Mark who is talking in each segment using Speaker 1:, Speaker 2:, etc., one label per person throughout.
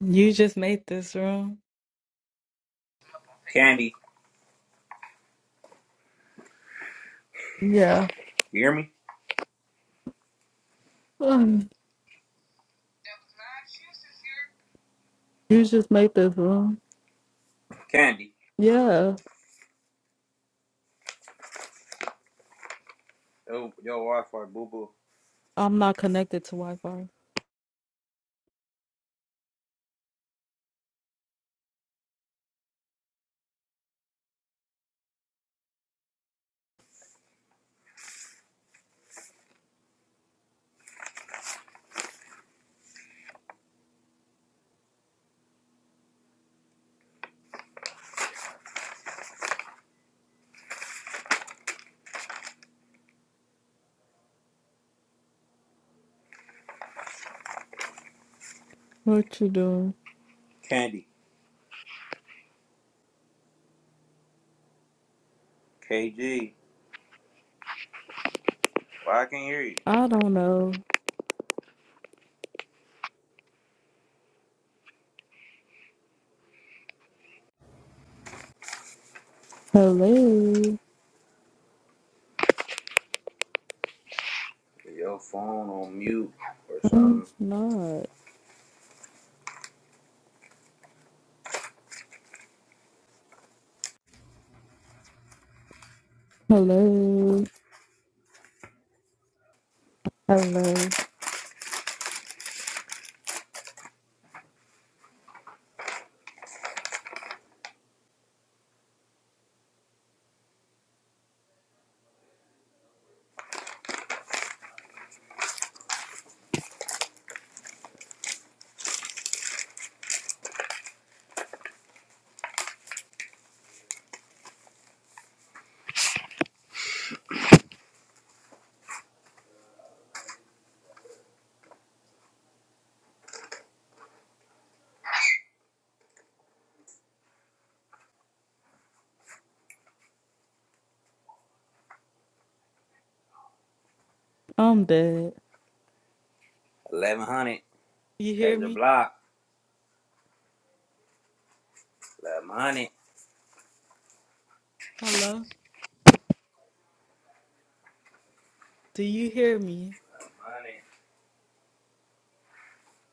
Speaker 1: You just made this room.
Speaker 2: Candy,
Speaker 1: Yeah.
Speaker 2: you hear me?
Speaker 1: Mm. You just made this room.
Speaker 2: Candy.
Speaker 1: Yeah.
Speaker 2: Yo, your Wi-Fi, boo boo.
Speaker 1: I'm not connected to Wi-Fi. What you doing?
Speaker 2: Candy. KG. Why I can't hear you?
Speaker 1: I don't know. Hello.
Speaker 2: Put Your phone on mute or
Speaker 1: No,
Speaker 2: something.
Speaker 1: it's not. Hello. Hello. I'm dead.
Speaker 2: 1100.
Speaker 1: You hear
Speaker 2: Catch a
Speaker 1: me?
Speaker 2: block. 1100. 1100.
Speaker 1: Hello? Do you hear me?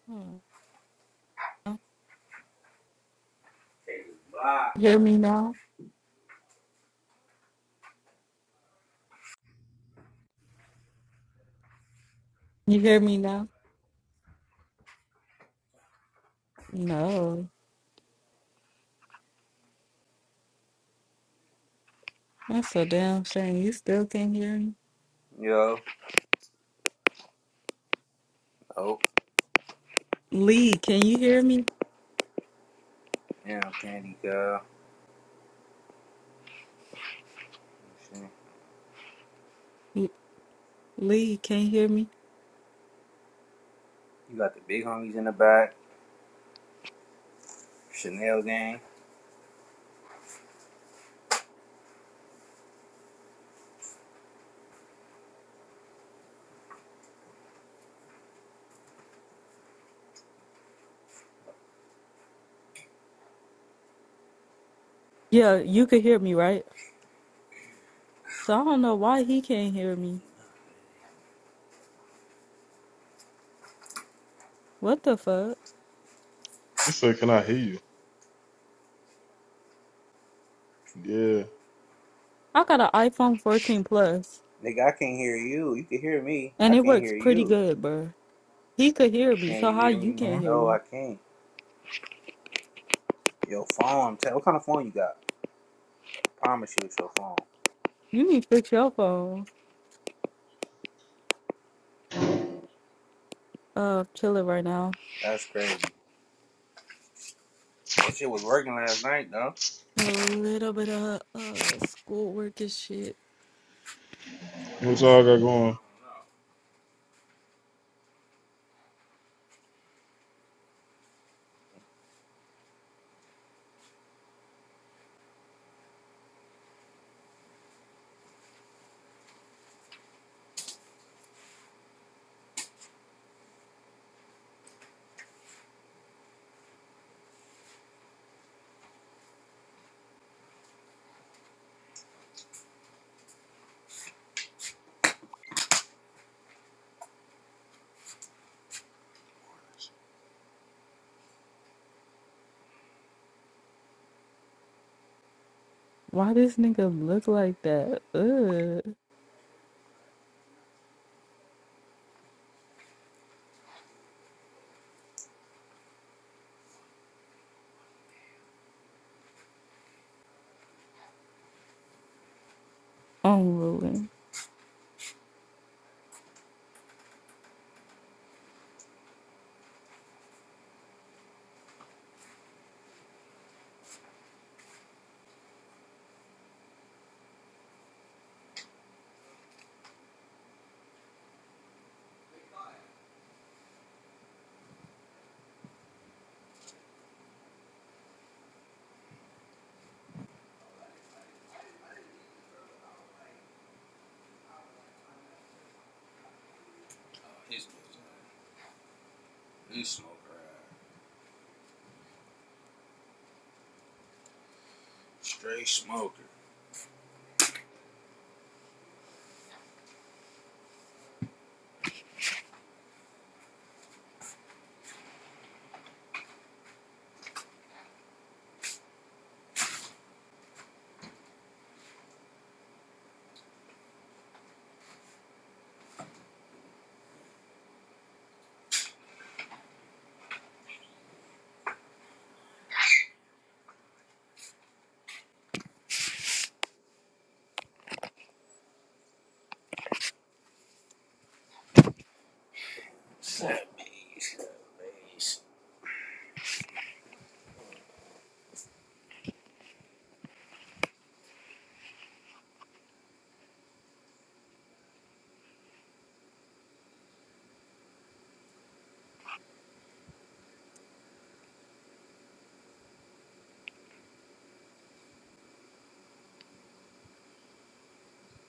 Speaker 1: Oh, no.
Speaker 2: Block.
Speaker 1: You hear me now? You hear me now? No. That's a damn shame. You still can't hear me.
Speaker 2: Yo. Oh,
Speaker 1: Lee, can you hear me?
Speaker 2: yeah, Candy girl. Let's see.
Speaker 1: L- Lee, can not hear me?
Speaker 2: You got the big homies in the back. Chanel gang.
Speaker 1: Yeah, you could hear me, right? So I don't know why he can't hear me. What the fuck?
Speaker 3: He said, "Can I hear you?" Yeah.
Speaker 1: I got an iPhone 14 Plus,
Speaker 2: Nigga, I can't hear you. You can hear me. I
Speaker 1: and it
Speaker 2: can't
Speaker 1: works
Speaker 2: hear
Speaker 1: pretty
Speaker 2: you.
Speaker 1: good, bruh. He could hear me,
Speaker 2: Can
Speaker 1: so
Speaker 2: you
Speaker 1: how
Speaker 2: hear
Speaker 1: you
Speaker 2: me?
Speaker 1: can't
Speaker 3: Huh?
Speaker 1: hear
Speaker 2: No,
Speaker 1: me?
Speaker 2: I can't. Your phone. Tell what kind of phone you got? promise you it's your phone.
Speaker 1: You need to fix your phone. Uh, chilling right now.
Speaker 2: That's crazy. That shit was working last night, though.
Speaker 1: A little bit of uh schoolwork and shit.
Speaker 3: What y'all got going?
Speaker 1: Why this nigga look like that? Ugh, I'm unruly.
Speaker 2: He's, he's a smoker. Straight smoker.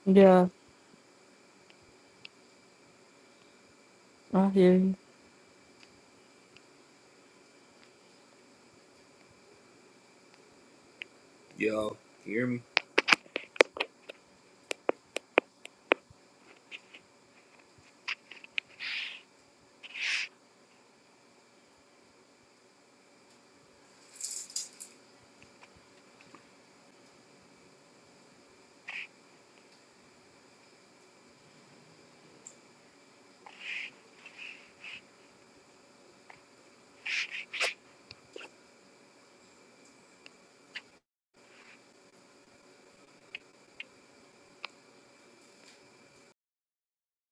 Speaker 1: Yeah, I hear you.
Speaker 2: Yo, you hear me?